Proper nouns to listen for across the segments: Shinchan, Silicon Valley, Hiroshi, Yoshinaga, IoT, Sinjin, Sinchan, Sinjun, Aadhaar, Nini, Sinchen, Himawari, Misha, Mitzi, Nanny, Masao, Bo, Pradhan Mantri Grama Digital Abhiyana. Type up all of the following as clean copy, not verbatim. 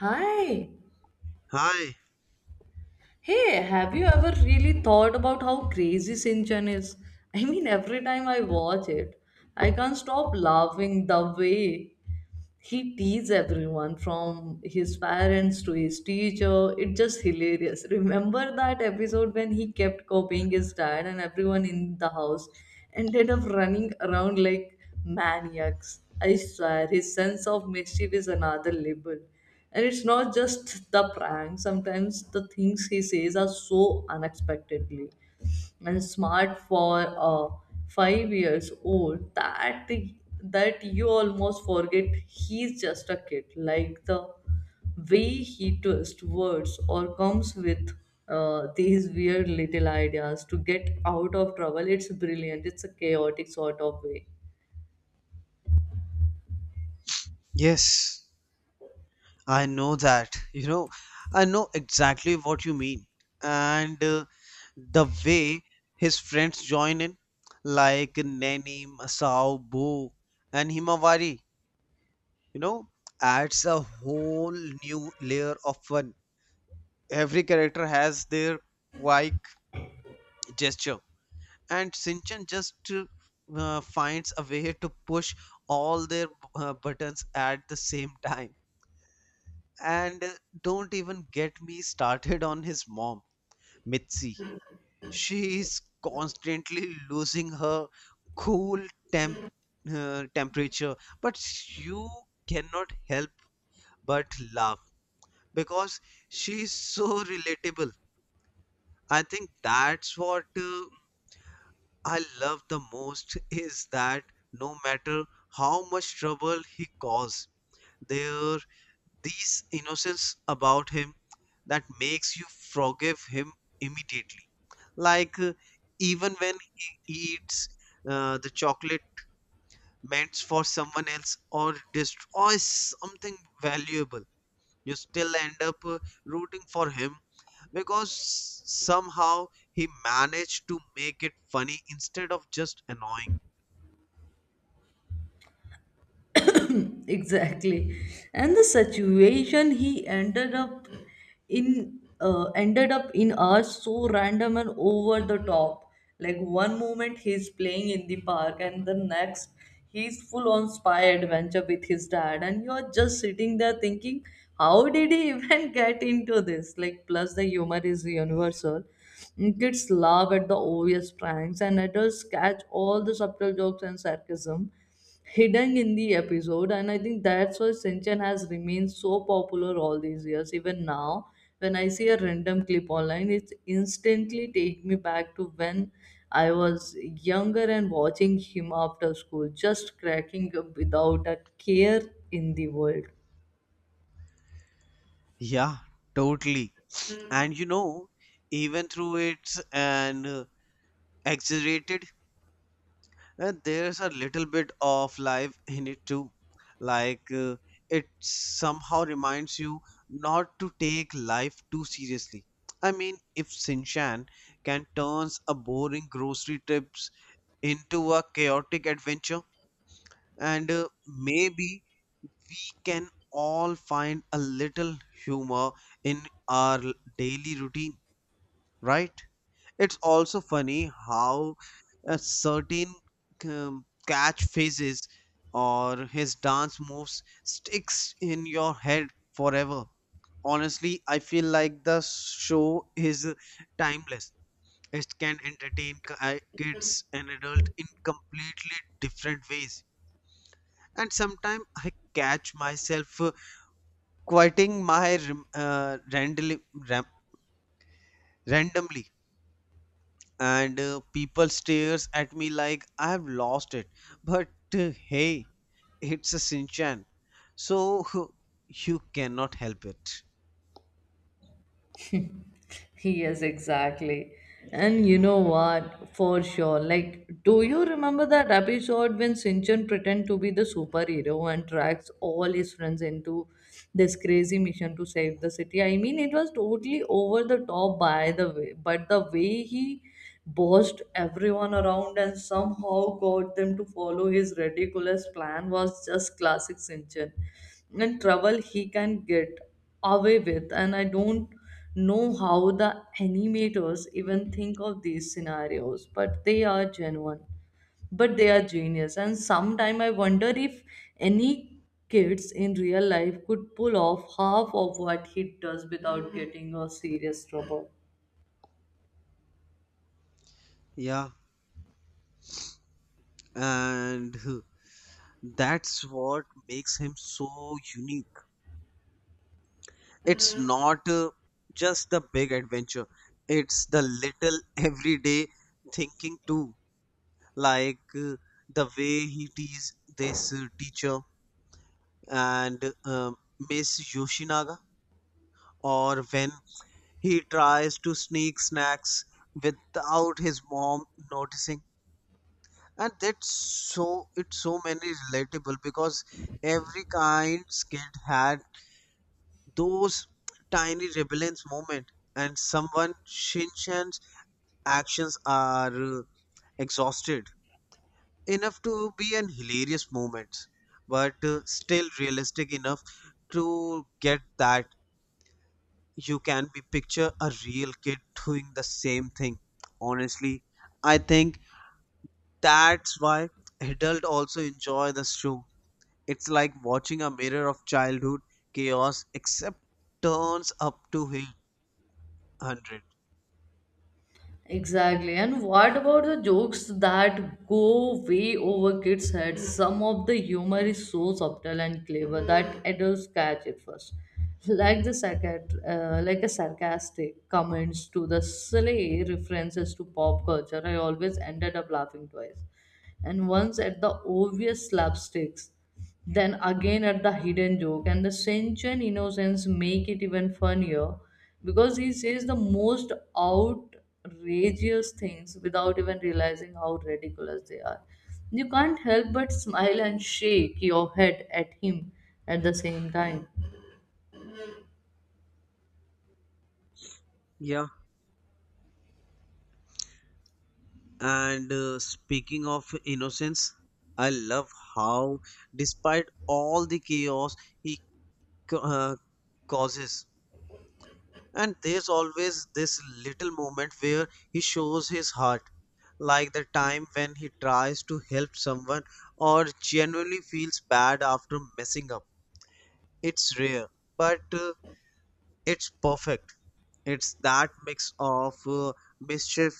Hi. Hi. Hey, have you ever really thought about how crazy Sinchan is? I mean, every time I watch it, I can't stop laughing the way he teases everyone from his parents to his teacher. It's just hilarious. Remember that episode when he kept copying his dad, and everyone in the house ended up running around like maniacs. I swear, his sense of mischief is another level. And it's not just the prank, sometimes the things he says are so unexpectedly and smart for a 5 years old that you almost forget he's just a kid, like the way he twists words or comes with these weird little ideas to get out of trouble. It's brilliant, it's a chaotic sort of way. Yes, I know that. You know, I know exactly what you mean. And The way his friends join in, like Nanny, Masao, Bo, and Himawari, you know, adds a whole new layer of fun. Every character has their quirk gesture, and Sinchan just finds a way to push all their buttons at the same time. And Don't even get me started on his mom, Mitzi. She is constantly losing her cool temp temperature, but you cannot help but laugh because she is so relatable. I think that's what I love the most is that no matter how much trouble he caused, there these innocence about him that makes you forgive him immediately. Like uh, Even when he eats the chocolate meant for someone else or destroys something valuable, you still end up rooting for him because somehow he managed to make it funny instead of just annoying. Exactly. And the situation he ended up in are so random and over the top. Like one moment he's playing in the park, and the next he's full on spy adventure with his dad, and you're just sitting there thinking, how did he even get into this? Like, plus the humor is universal. Kids laugh at the obvious pranks, and adults catch all the subtle jokes and sarcasm hidden in the episode. And I think that's why Shinchan has remained so popular all these years. Even now when I see a random clip online, it instantly take me back to when I was younger and watching him after school, just cracking up without a care in the world. Yeah, totally. And you know, even through its an exaggerated And there's a little bit of life in it too. Like uh, it somehow reminds you not to take life too seriously. I mean, if Sinchan can turns a boring grocery trips into a chaotic adventure, and maybe can all find a little humor in our daily routine, right? It's also funny how a certain catch phases or his dance moves sticks in your head forever. Honestly, I feel like the show is timeless. It can entertain kids and adults in completely different ways, and sometimes I catch myself quoting randomly, ram- randomly, and people stares at me like I have lost it. But hey, it's a Shinchan, so you cannot help it. Yes, exactly. And you know what? For sure. Like, do you remember that episode when Sinchan pretend to be the superhero and tracks all his friends into this crazy mission to save the city? I mean, it was totally over the top, by the way, but the way he bossed everyone around and somehow got them to follow his ridiculous plan was just classic Sinchan. And trouble he can get away with, and I don't know how the animators even think of these scenarios, but they are genuine, but they are genius. And sometime I wonder if any kids in real life could pull off half of what he does without getting a serious trouble. Yeah, and that's what makes him so unique. It's not just the big adventure; it's the little everyday thinking too, like uh, the way he teases this teacher and Miss Yoshinaga or when he tries to sneak snacks without his mom noticing. And that's so it's so many relatable because every kind kid had those tiny rebellious moment, and someone Shinchan's actions are exhausted enough to be an hilarious moment, but still realistic enough to get that you can be picture a real kid doing the same thing. Honestly, I think that's why adult also enjoy the show. It's like watching a mirror of childhood chaos except turns up to 100. Exactly. And what about the jokes that go way over kids' heads? Some of the humor is so subtle and clever that adults catch it first. Like a sarcastic comments to the silly references to pop culture, I always ended up laughing twice, and once at the obvious slapsticks, then again at the hidden joke. And the sense and innocence make it even funnier because he says the most outrageous things without even realizing how ridiculous they are. You can't help but smile and shake your head at him at the same time. Yeah and uh, speaking of innocence, I love how despite all the chaos he ca- uh, causes and there's always this little moment where he shows his heart, like the time when he tries to help someone or genuinely feels bad after messing up. It's rare, but it's perfect. It's that mix of mischief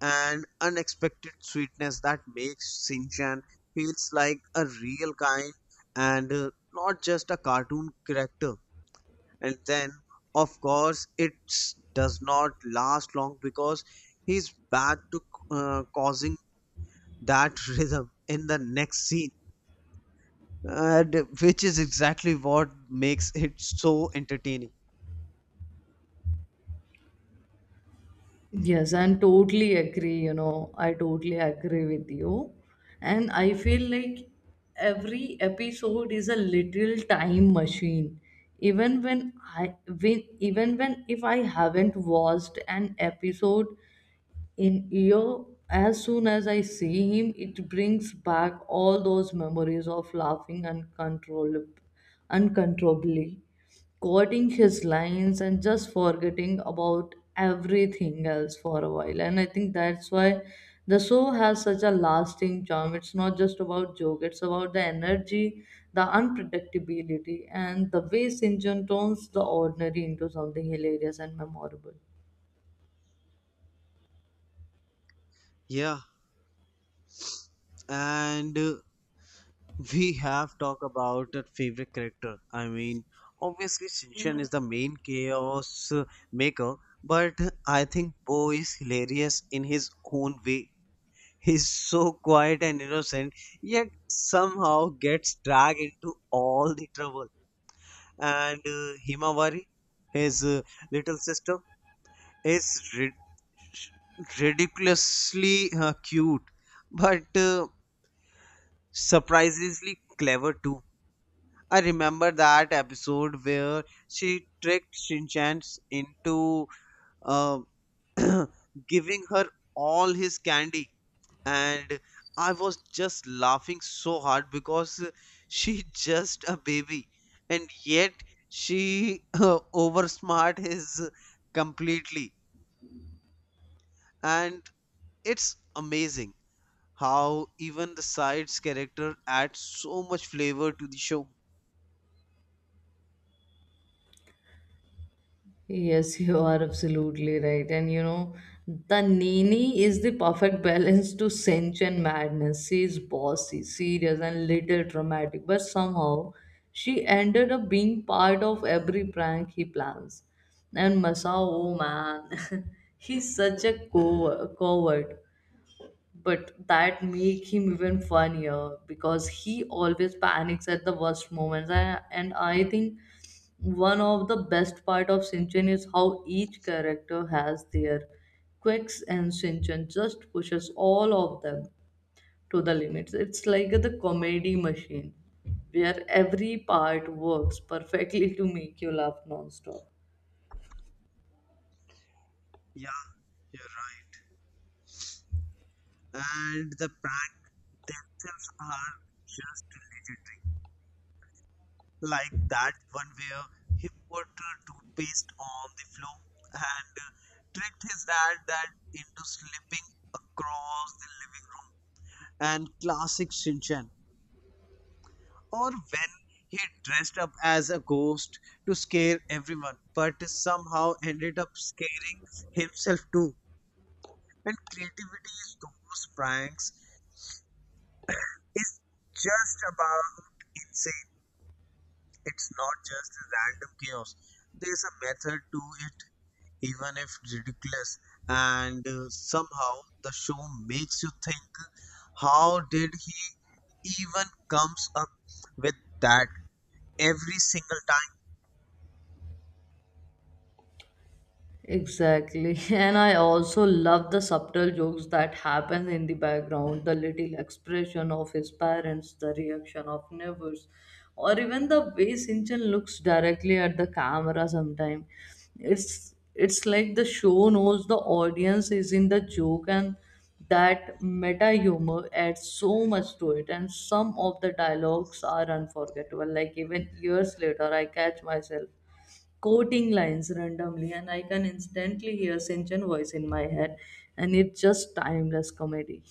and unexpected sweetness that makes Shinchan feels like a real kind and not just a cartoon character. And then, of course, it does not last long because he's back to causing that rhythm in the next scene, and which is exactly what makes it so entertaining. Yes, I'm totally agree. I totally agree with you. And I feel like every episode is a little time machine. Even when I when even when if I haven't watched an episode in year, as soon as I see him, it brings back all those memories of laughing uncontrollably, quoting his lines and just forgetting about everything else for a while. And I think that's why the show has such a lasting charm. It's not just about joke, it's about the energy, the unpredictability, and the way Sinjun turns the ordinary into something hilarious and memorable. Yeah and uh, we have talked about our favorite character. I mean, obviously Shinshan is the main chaos maker, but I think Bo is hilarious in his own way. He's so quiet and innocent yet somehow gets dragged into all the trouble. And Himawari, his little sister, is rid- ridiculously cute, but surprisingly clever too. I remember that episode where she tricked Shinchan into uh, giving her all his candy, and I was just laughing so hard because she just a baby, and yet she oversmart is completely, and it's amazing how even the side's character adds so much flavor to the show. Yes, you are absolutely right. The Nini is the perfect balance to cinch and madness. She is bossy, serious, and little dramatic, but somehow she ended up being part of every prank he plans. And Masao, oh man, he's such a coward, but that make him even funnier because he always panics at the worst moments. And I think one of the best part of Shinchan is how each character has their quirks, and Shinchan just pushes all of them to the limits. It's like the comedy machine where every part works perfectly to make you laugh nonstop. Yeah, you're right. And the prank themselves are just legendary. Like that one where he put toothpaste on the floor and tricked his dad that into slipping across the living room. And classic Shinchan. Or when he dressed up as a ghost to scare everyone, but somehow ended up scaring himself too. And creativity in those pranks is just about insane. It's not just random chaos. There's a method to it, even if ridiculous. And Somehow the show makes you think, how did he even comes up with that every single time? Exactly. And I also love the subtle jokes that happen in the background, the little expression of his parents, the reaction of neighbors, or even the way Sinchan looks directly at the camera sometime. It's like the show knows the audience is in the joke, and that meta humor adds so much to it. And some of the dialogues are unforgettable. Like even years later, I catch myself quoting lines randomly, and I can instantly hear Sinchan's voice in my head, and it's just timeless comedy.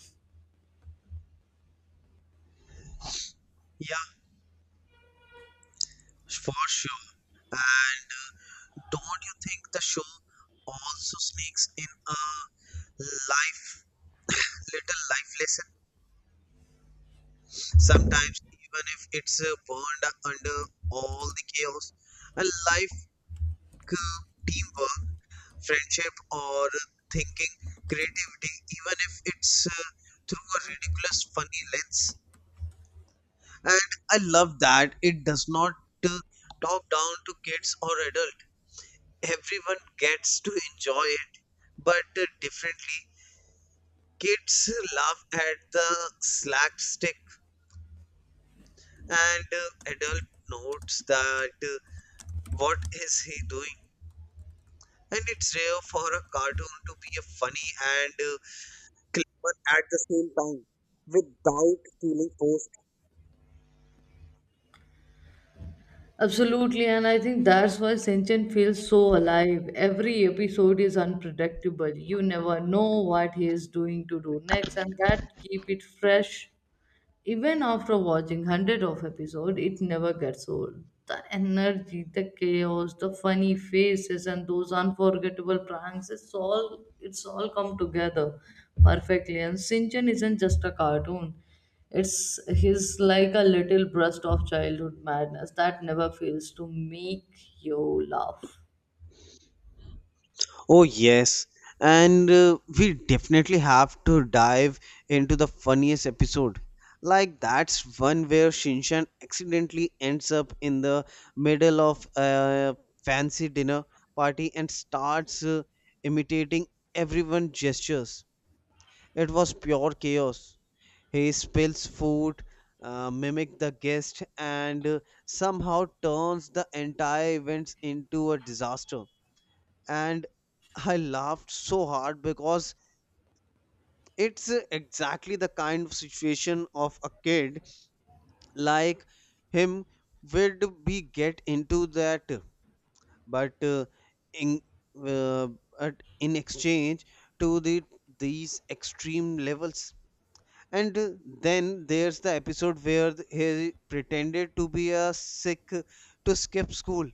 Yeah, for sure. And don't you think the show also sneaks in a life, little life lesson? Sometimes, even if it's burned under all the chaos, a life, teamwork, friendship, or thinking, creativity, even if it's through a ridiculous, funny lens. And I love that it does not uh, talk down to kids or adult. Everyone gets to enjoy it but differently. Kids laugh at the slapstick, and adult notes that what is he doing? And it's rare for a cartoon to be a funny and clever at the same time without feeling forced. Absolutely, and I think that's why Sinchan feels so alive. Every episode is unpredictable. You never know what he is doing to do next, and that keep it fresh. Even after watching hundred of episodes, it never gets old. The energy, the chaos, the funny faces, and those unforgettable pranks, it's all come together perfectly. And Sinchan isn't just a cartoon. It's he's like a little burst of childhood madness that never fails to make you laugh. Oh, yes. And We definitely have to dive into the funniest episode. Like, that's one where Shinshan accidentally ends up in the middle of a fancy dinner party and starts imitating everyone's gestures. It was pure chaos. He spills food, mimic the guest, and somehow turns the entire events into a disaster, and I laughed so hard because it's exactly the kind of situation of a kid like him would be get into that, but in uh, in exchange to the these extreme levels, and then there's the episode where he pretended to be a sick to skip school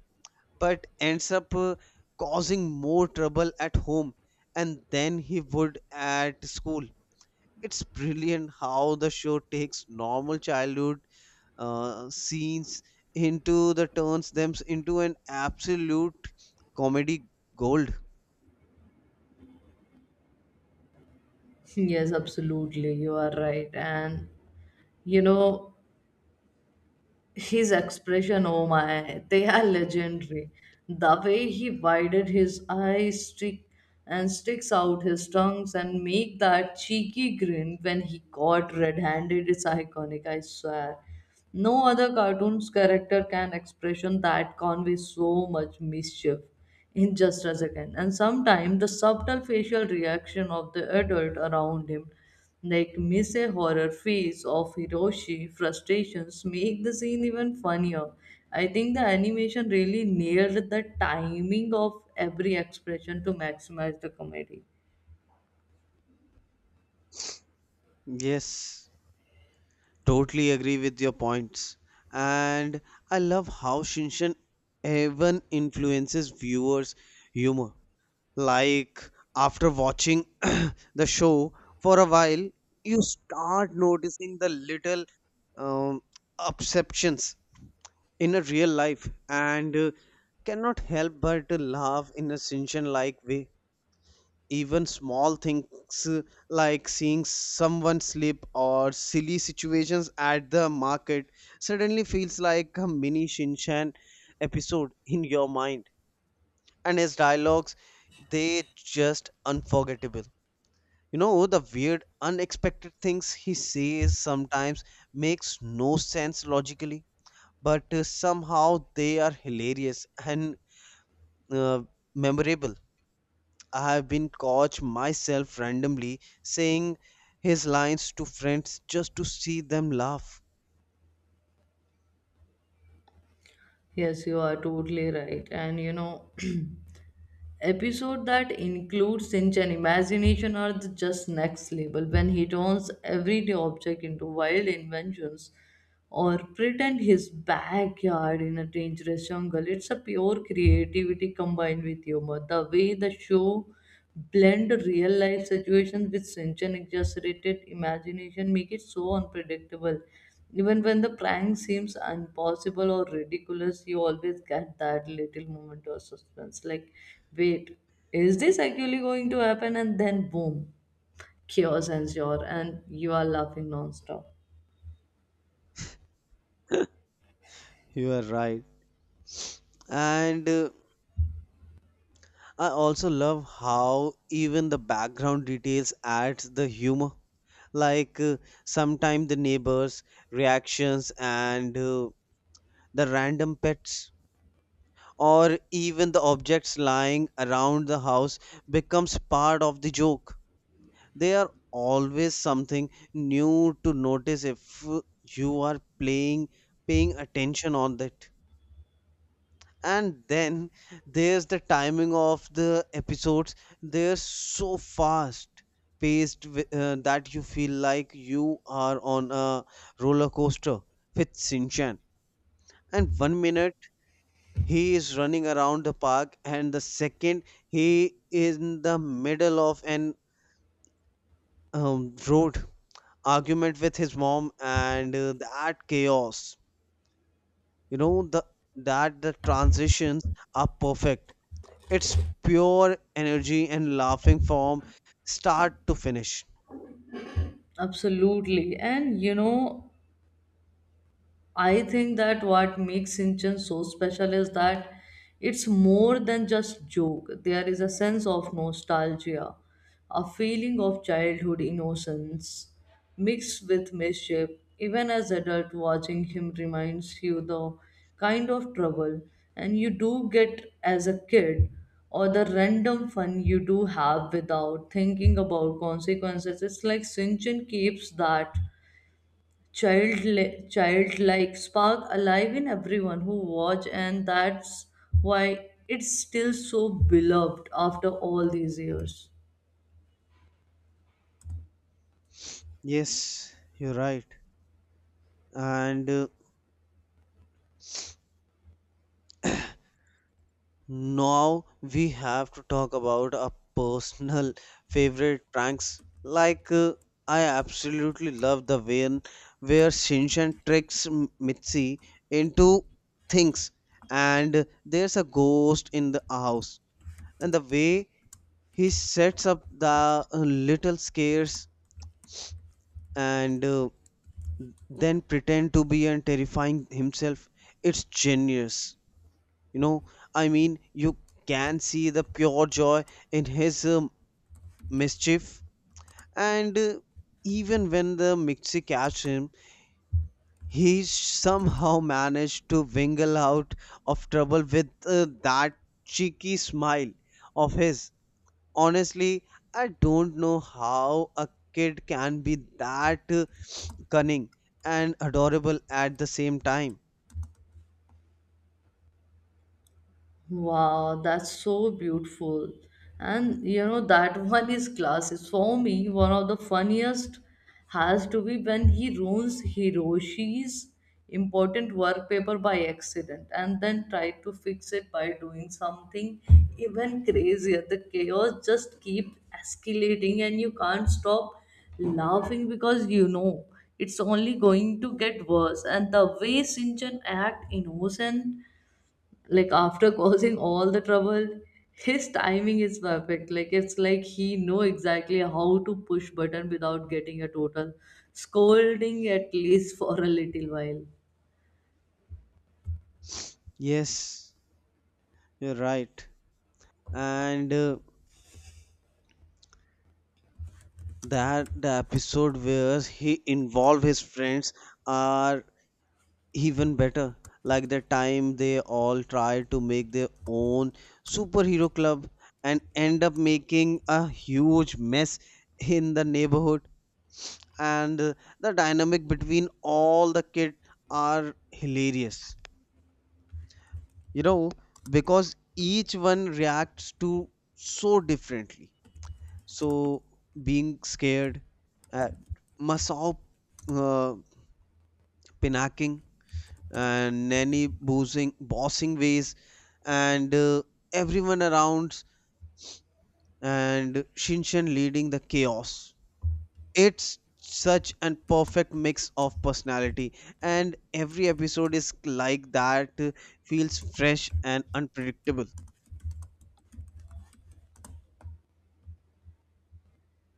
but ends up causing more trouble at home and then he would at school. It's brilliant how the show takes normal childhood scenes into the turns them into an absolute comedy gold. Yes, absolutely. You are right. You know, his expression, oh my, they are legendary. The way he widened his eyes stick and sticks out his tongues and make that cheeky grin when he caught red-handed is iconic, I swear. No other cartoon's character can expression that convey so much mischief in just a second. And sometimes the subtle facial reaction of the adult around him, like Mise horror face of Hiroshi frustrations, make the scene even funnier. I think the animation really nailed the timing of every expression to maximize the comedy. Yes, totally agree with your points. And I love how Shinshan even influences viewers' humor, like after watching the show for a while you start noticing the little um, exceptions in a real life, and cannot help but to laugh in a sinchen like way. Even small things, uh, like seeing someone slip or silly situations at the market, suddenly feels like a mini shinchan episode in your mind, and his dialogues they just unforgettable. You know, the weird, unexpected things he says sometimes makes no sense logically, but somehow they are hilarious and uh, memorable. I have been caught myself randomly saying his lines to friends just to see them laugh. Yes, you are totally right. Episode that includes cinch and imagination are the just next level when he turns everyday object into wild inventions or pretend his backyard in a dangerous jungle. It's a pure creativity combined with humor. The way the show blend real life situations with such an exaggerated imagination make it so unpredictable. Even when the prank seems impossible or ridiculous, you always get that little moment of suspense. Like, wait, is this actually going to happen? And then boom, chaos ensures and you are laughing nonstop. You are right. And I also love how even the background details adds the humor. Like uh, Sometimes the neighbors' reactions and the random pets, or even the objects lying around the house becomes part of the joke. They are always something new to notice if you are playing paying attention on that. And then there's the timing of the episodes. They're so fast paced that you feel like you are on a roller coaster with Shinchan. And one minute he is running around the park and the second he is in the middle of an road argument with his mom, and that chaos, you know, the transitions are perfect. It's pure energy and laughing from start to finish. Absolutely. I think that what makes Sinchan so special is that it's more than just joke. There is a sense of nostalgia, a feeling of childhood innocence mixed with mischief. Even as adult, watching him reminds you the kind of trouble and you do get as a kid, or the random fun you do have without thinking about consequences. It's like Sinchan keeps that child childlike spark alive in everyone who watch, and that's why it's still so beloved after all these years. Yes, you're right. and Now we have to talk about our personal favorite pranks. I absolutely love the way in where Shinshan tricks Mitzi into things, and there's a ghost in the house. And the way he sets up the little scares and then pretend to be and terrifying himself, it's genius. You know, I mean, you can see the pure joy in his mischief, and even when the mixie catch him he somehow managed to wingle out of trouble with that cheeky smile of his. Honestly, I don't know how a kid can be that cunning and adorable at the same time. Wow, that's so beautiful. And you know, that one is classic. For me, one of the funniest has to be when he ruins Hiroshi's important work paper by accident and then tried to fix it by doing something even crazier. The chaos just keeps escalating, and you can't stop laughing because you know it's only going to get worse. And the way Sinchen act innocent, like, after causing all the trouble, his timing is perfect. Like, it's like he know exactly how to push button without getting a total scolding, at least for a little while. Yes, you're right. and That the episode where he involved his friends are even better, like the time they all try to make their own superhero club and end up making a huge mess in the neighborhood. And The dynamic between all the kids are hilarious, you know, because each one reacts to so differently. So being scared, uh, Masao uh, pinacking and nanny boozing, bossing ways, and everyone around, and Shinshan leading the chaos. It's such an perfect mix of personality, and every episode is like that, feels fresh and unpredictable.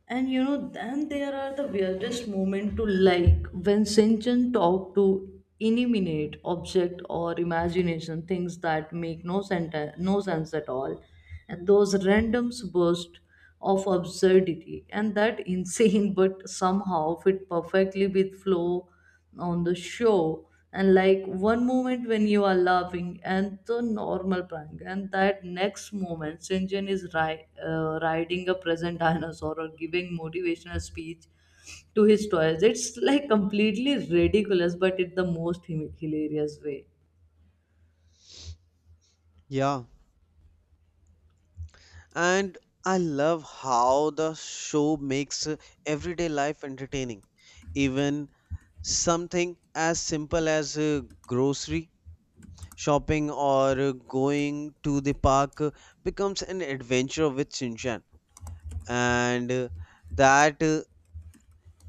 Then there are the weirdest moment to, like when Sinchen talk to eliminate object or imagination things that make no sense at all, and those random bursts of absurdity, and that insane, but somehow fit perfectly with flow on the show. And like one moment when you are laughing and the normal prank, and that next moment Sinjin is riding a present dinosaur or giving motivational speech to his toys. It's like completely ridiculous, but in the most hilarious way. Yeah. And I love how the show makes everyday life entertaining. Even something as simple as grocery shopping or going to the park becomes an adventure with Shinchan. And That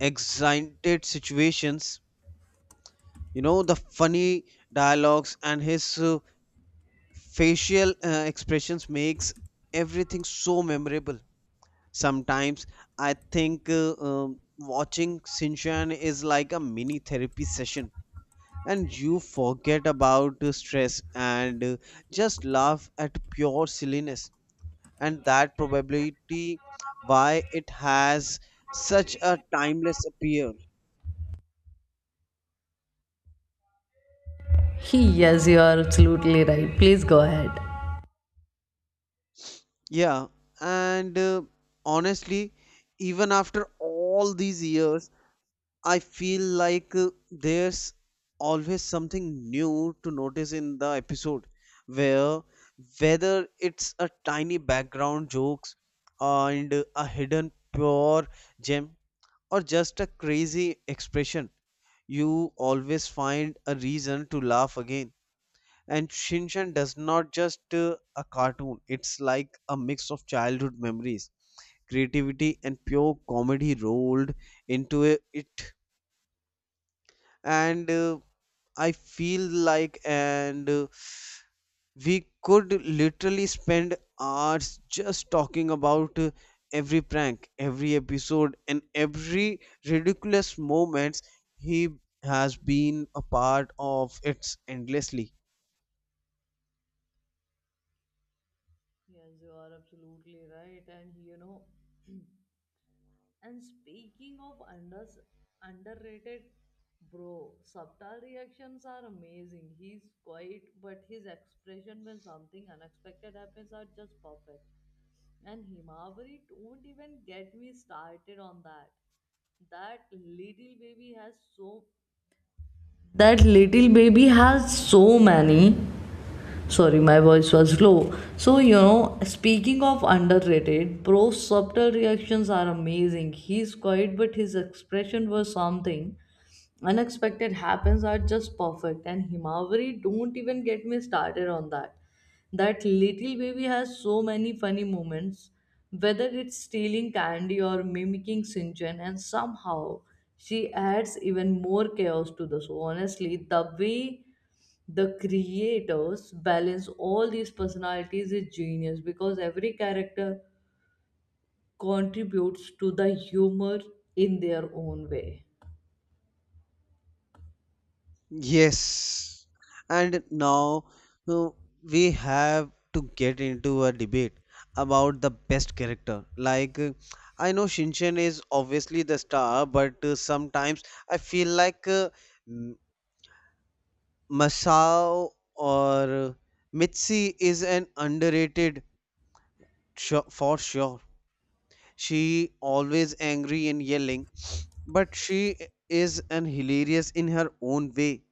excited situations, you know, the funny dialogues and his facial expressions makes everything so memorable. Sometimes I think watching Shinchan is like a mini therapy session, and you forget about stress and just laugh at pure silliness. And that probability why it has such a timeless appeal. He, yes, you are absolutely right. Please go ahead. Yeah, and honestly, even after all these years, I feel like there's always something new to notice in the episode where whether it's a tiny background jokes and a hidden pure gem or just a crazy expression, you always find a reason to laugh again. And Shinchan does not just a cartoon, it's like a mix of childhood memories, creativity and pure comedy rolled it. And uh, i feel like and uh, we could literally spend hours just talking about every prank, every episode and every ridiculous moments he has been a part of, it's endlessly. Yes, you are absolutely right. and you know and speaking of unders underrated, bro, subtle reactions are amazing. He's quiet, but his expression when something unexpected happens are just perfect. And Himawari, don't even get me started on that. That little baby has so That little baby has so many. Sorry, my voice was low. So, you know, speaking of underrated, Pro's subtle reactions are amazing. He's quiet, but his expression was something unexpected happens are just perfect. And Himawari, don't even get me started on that. That little baby has so many funny moments, whether it's stealing candy or mimicking Sinjin, and somehow she adds even more chaos to the show. Honestly, the way the creators balance all these personalities is genius because every character contributes to the humor in their own way. Yes, and now uh, we have to get into a debate about the best character. Like, I know Shinchan is obviously the star, but sometimes I feel like M- Masao or Mitzi is an underrated sho for sure. She always angry and yelling, but she is an hilarious in her own way.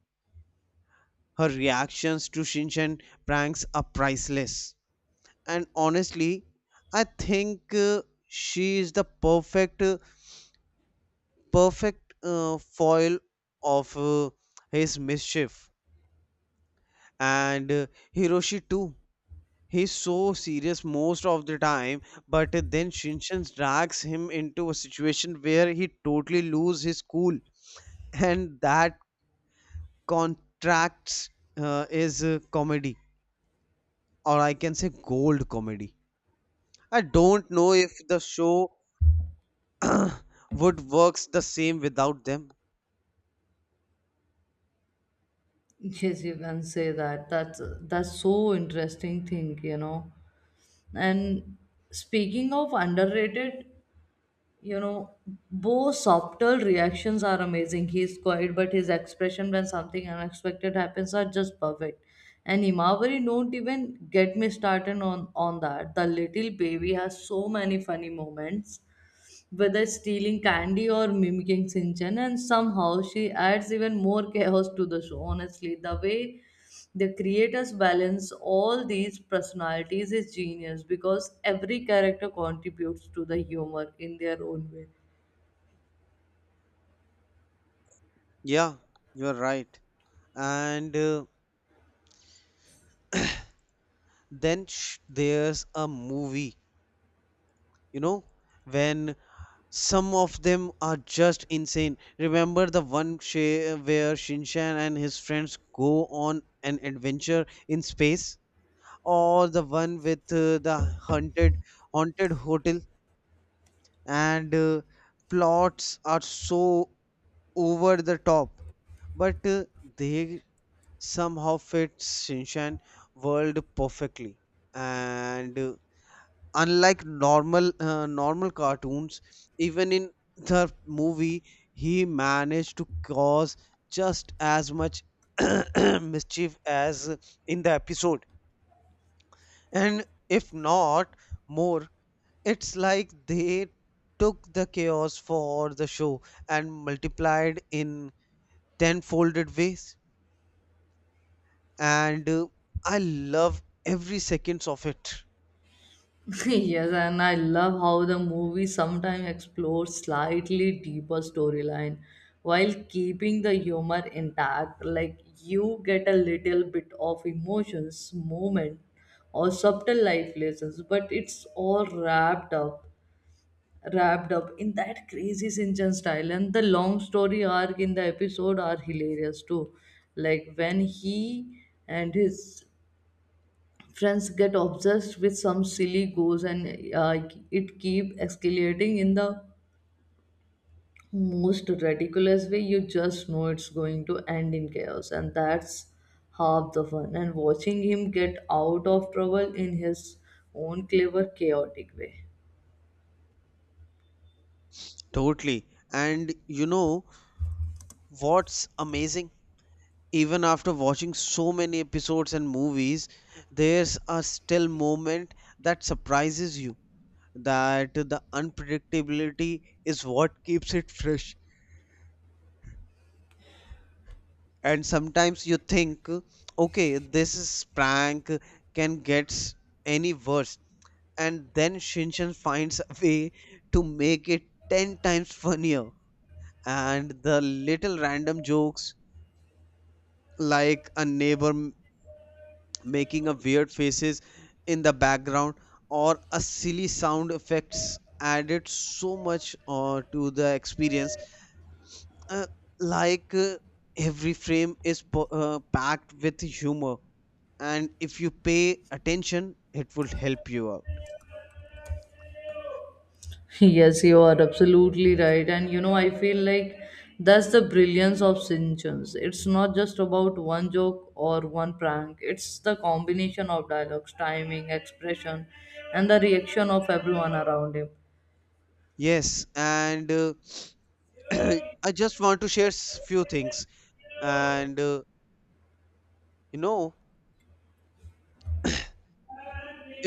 Her reactions to Shinchan pranks are priceless. And honestly, I think she is the perfect foil of his mischief. And Hiroshi too. He's so serious most of the time, but then Shinchan drags him into a situation where he totally loses his cool, and that contracts is comedy, or I can say gold comedy. I don't know if the show would works the same without them. Yes, you can say that. That's so interesting thing, you know. And speaking of underrated, you know, Bo's subtle reactions are amazing. He's quiet, but his expression when something unexpected happens are just perfect. And Himawari, don't even get me started on that. The little baby has so many funny moments, whether stealing candy or mimicking Sinchan, and somehow she adds even more chaos to the show. Honestly, the way the creators balance all these personalities is genius because every character contributes to the humor in their own way. Yeah, you're right. And there's a movie, you know, when some of them are just insane. Remember the one where Shinshan and his friends go on an adventure in space, or the one with the haunted hotel, and plots are so over the top, but they somehow fit Shinshan world perfectly. And unlike normal cartoons, even in the movie, he managed to cause just as much mischief as in the episode, and if not more. It's like they took the chaos for the show and multiplied in tenfolded ways. And I love every seconds of it. Yes, and I love how the movie sometimes explores slightly deeper storyline while keeping the humor intact. Like you get a little bit of emotions, moment, or subtle life lessons, but it's all wrapped up in that crazy Shinchan style. And the long story arc in the episode are hilarious too. Like when he and his friends get obsessed with some silly goals, and it keep escalating in the most ridiculous way. You just know it's going to end in chaos, and that's half the fun, and watching him get out of trouble in his own clever chaotic way. Totally. And you know what's amazing? Even after watching so many episodes and movies, there's a still moment that surprises you. That the unpredictability is what keeps it fresh. And sometimes you think, okay, this is prank can get any worse. And then Shinshan finds a way to make it 10 times funnier. And the little random jokes like a neighbor making a weird faces in the background or a silly sound effects added so much to the experience, uh, like every frame is packed with humor, and if you pay attention it will help you out. Yes, you are absolutely right. And you know, I feel like that's the brilliance of Sinchons. It's not just about one joke or one prank, it's the combination of dialogues, timing, expression, and the reaction of everyone around him. Yes, and I just want to share few things. And you know,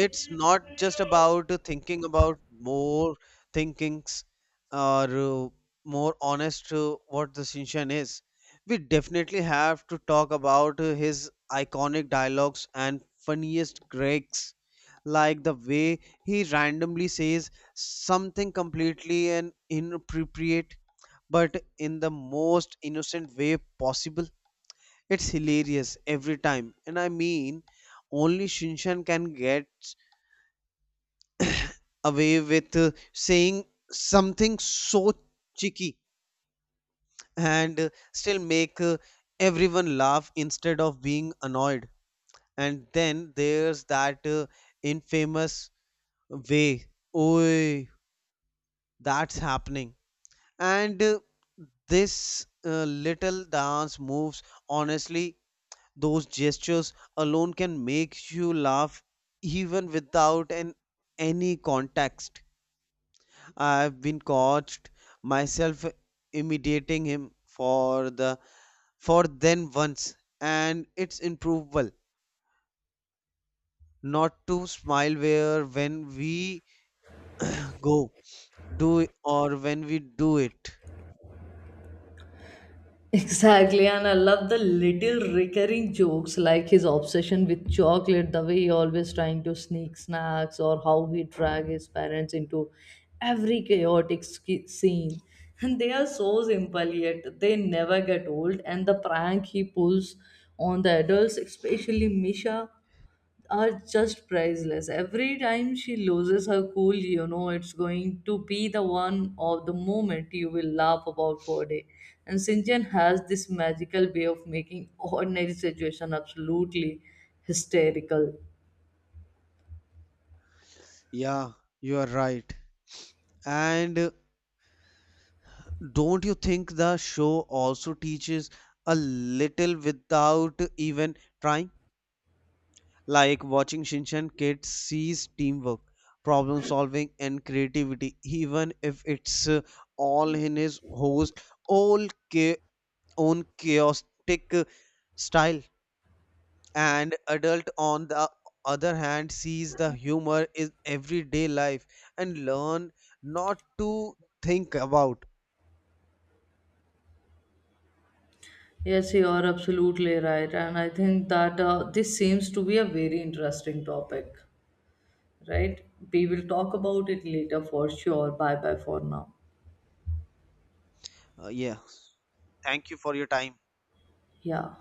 it's not just about thinking about more thinkings or more honest what the Shinshan is. We definitely have to talk about his iconic dialogues and funniest gags, like the way he randomly says something completely and inappropriate, but in the most innocent way possible. It's hilarious every time. And I mean, only Shinshan can get away with saying something so cheeky and still make everyone laugh instead of being annoyed. And then there's that infamous way, Oi, that's happening. And this little dance moves, honestly, those gestures alone can make you laugh even without any context. I've been caught myself imitating him for the for then once, and it's improvable not to smile where when we go do it or when we do it. Exactly, and I love the little recurring jokes like his obsession with chocolate, the way he always trying to sneak snacks, or how he drag his parents into every chaotic scene. And they are so simple, yet they never get old. And the prank he pulls on the adults, especially Misha, are just priceless. Every time she loses her cool, you know it's going to be the one of the moment you will laugh about for a day. And Sinjan has this magical way of making ordinary situation absolutely hysterical. Yeah, you are right. And don't you think the show also teaches a little without even trying? Like watching Shinchan kids sees teamwork, problem solving, and creativity, even if it's all in his all cha- own chaotic style. And adult, on the other hand, sees the humor in everyday life and learn not to think about. Yes, you are absolutely right, and I think that this seems to be a very interesting topic, right? We will talk about it later for sure. Bye bye for now. Yeah, thank you for your time. Yeah.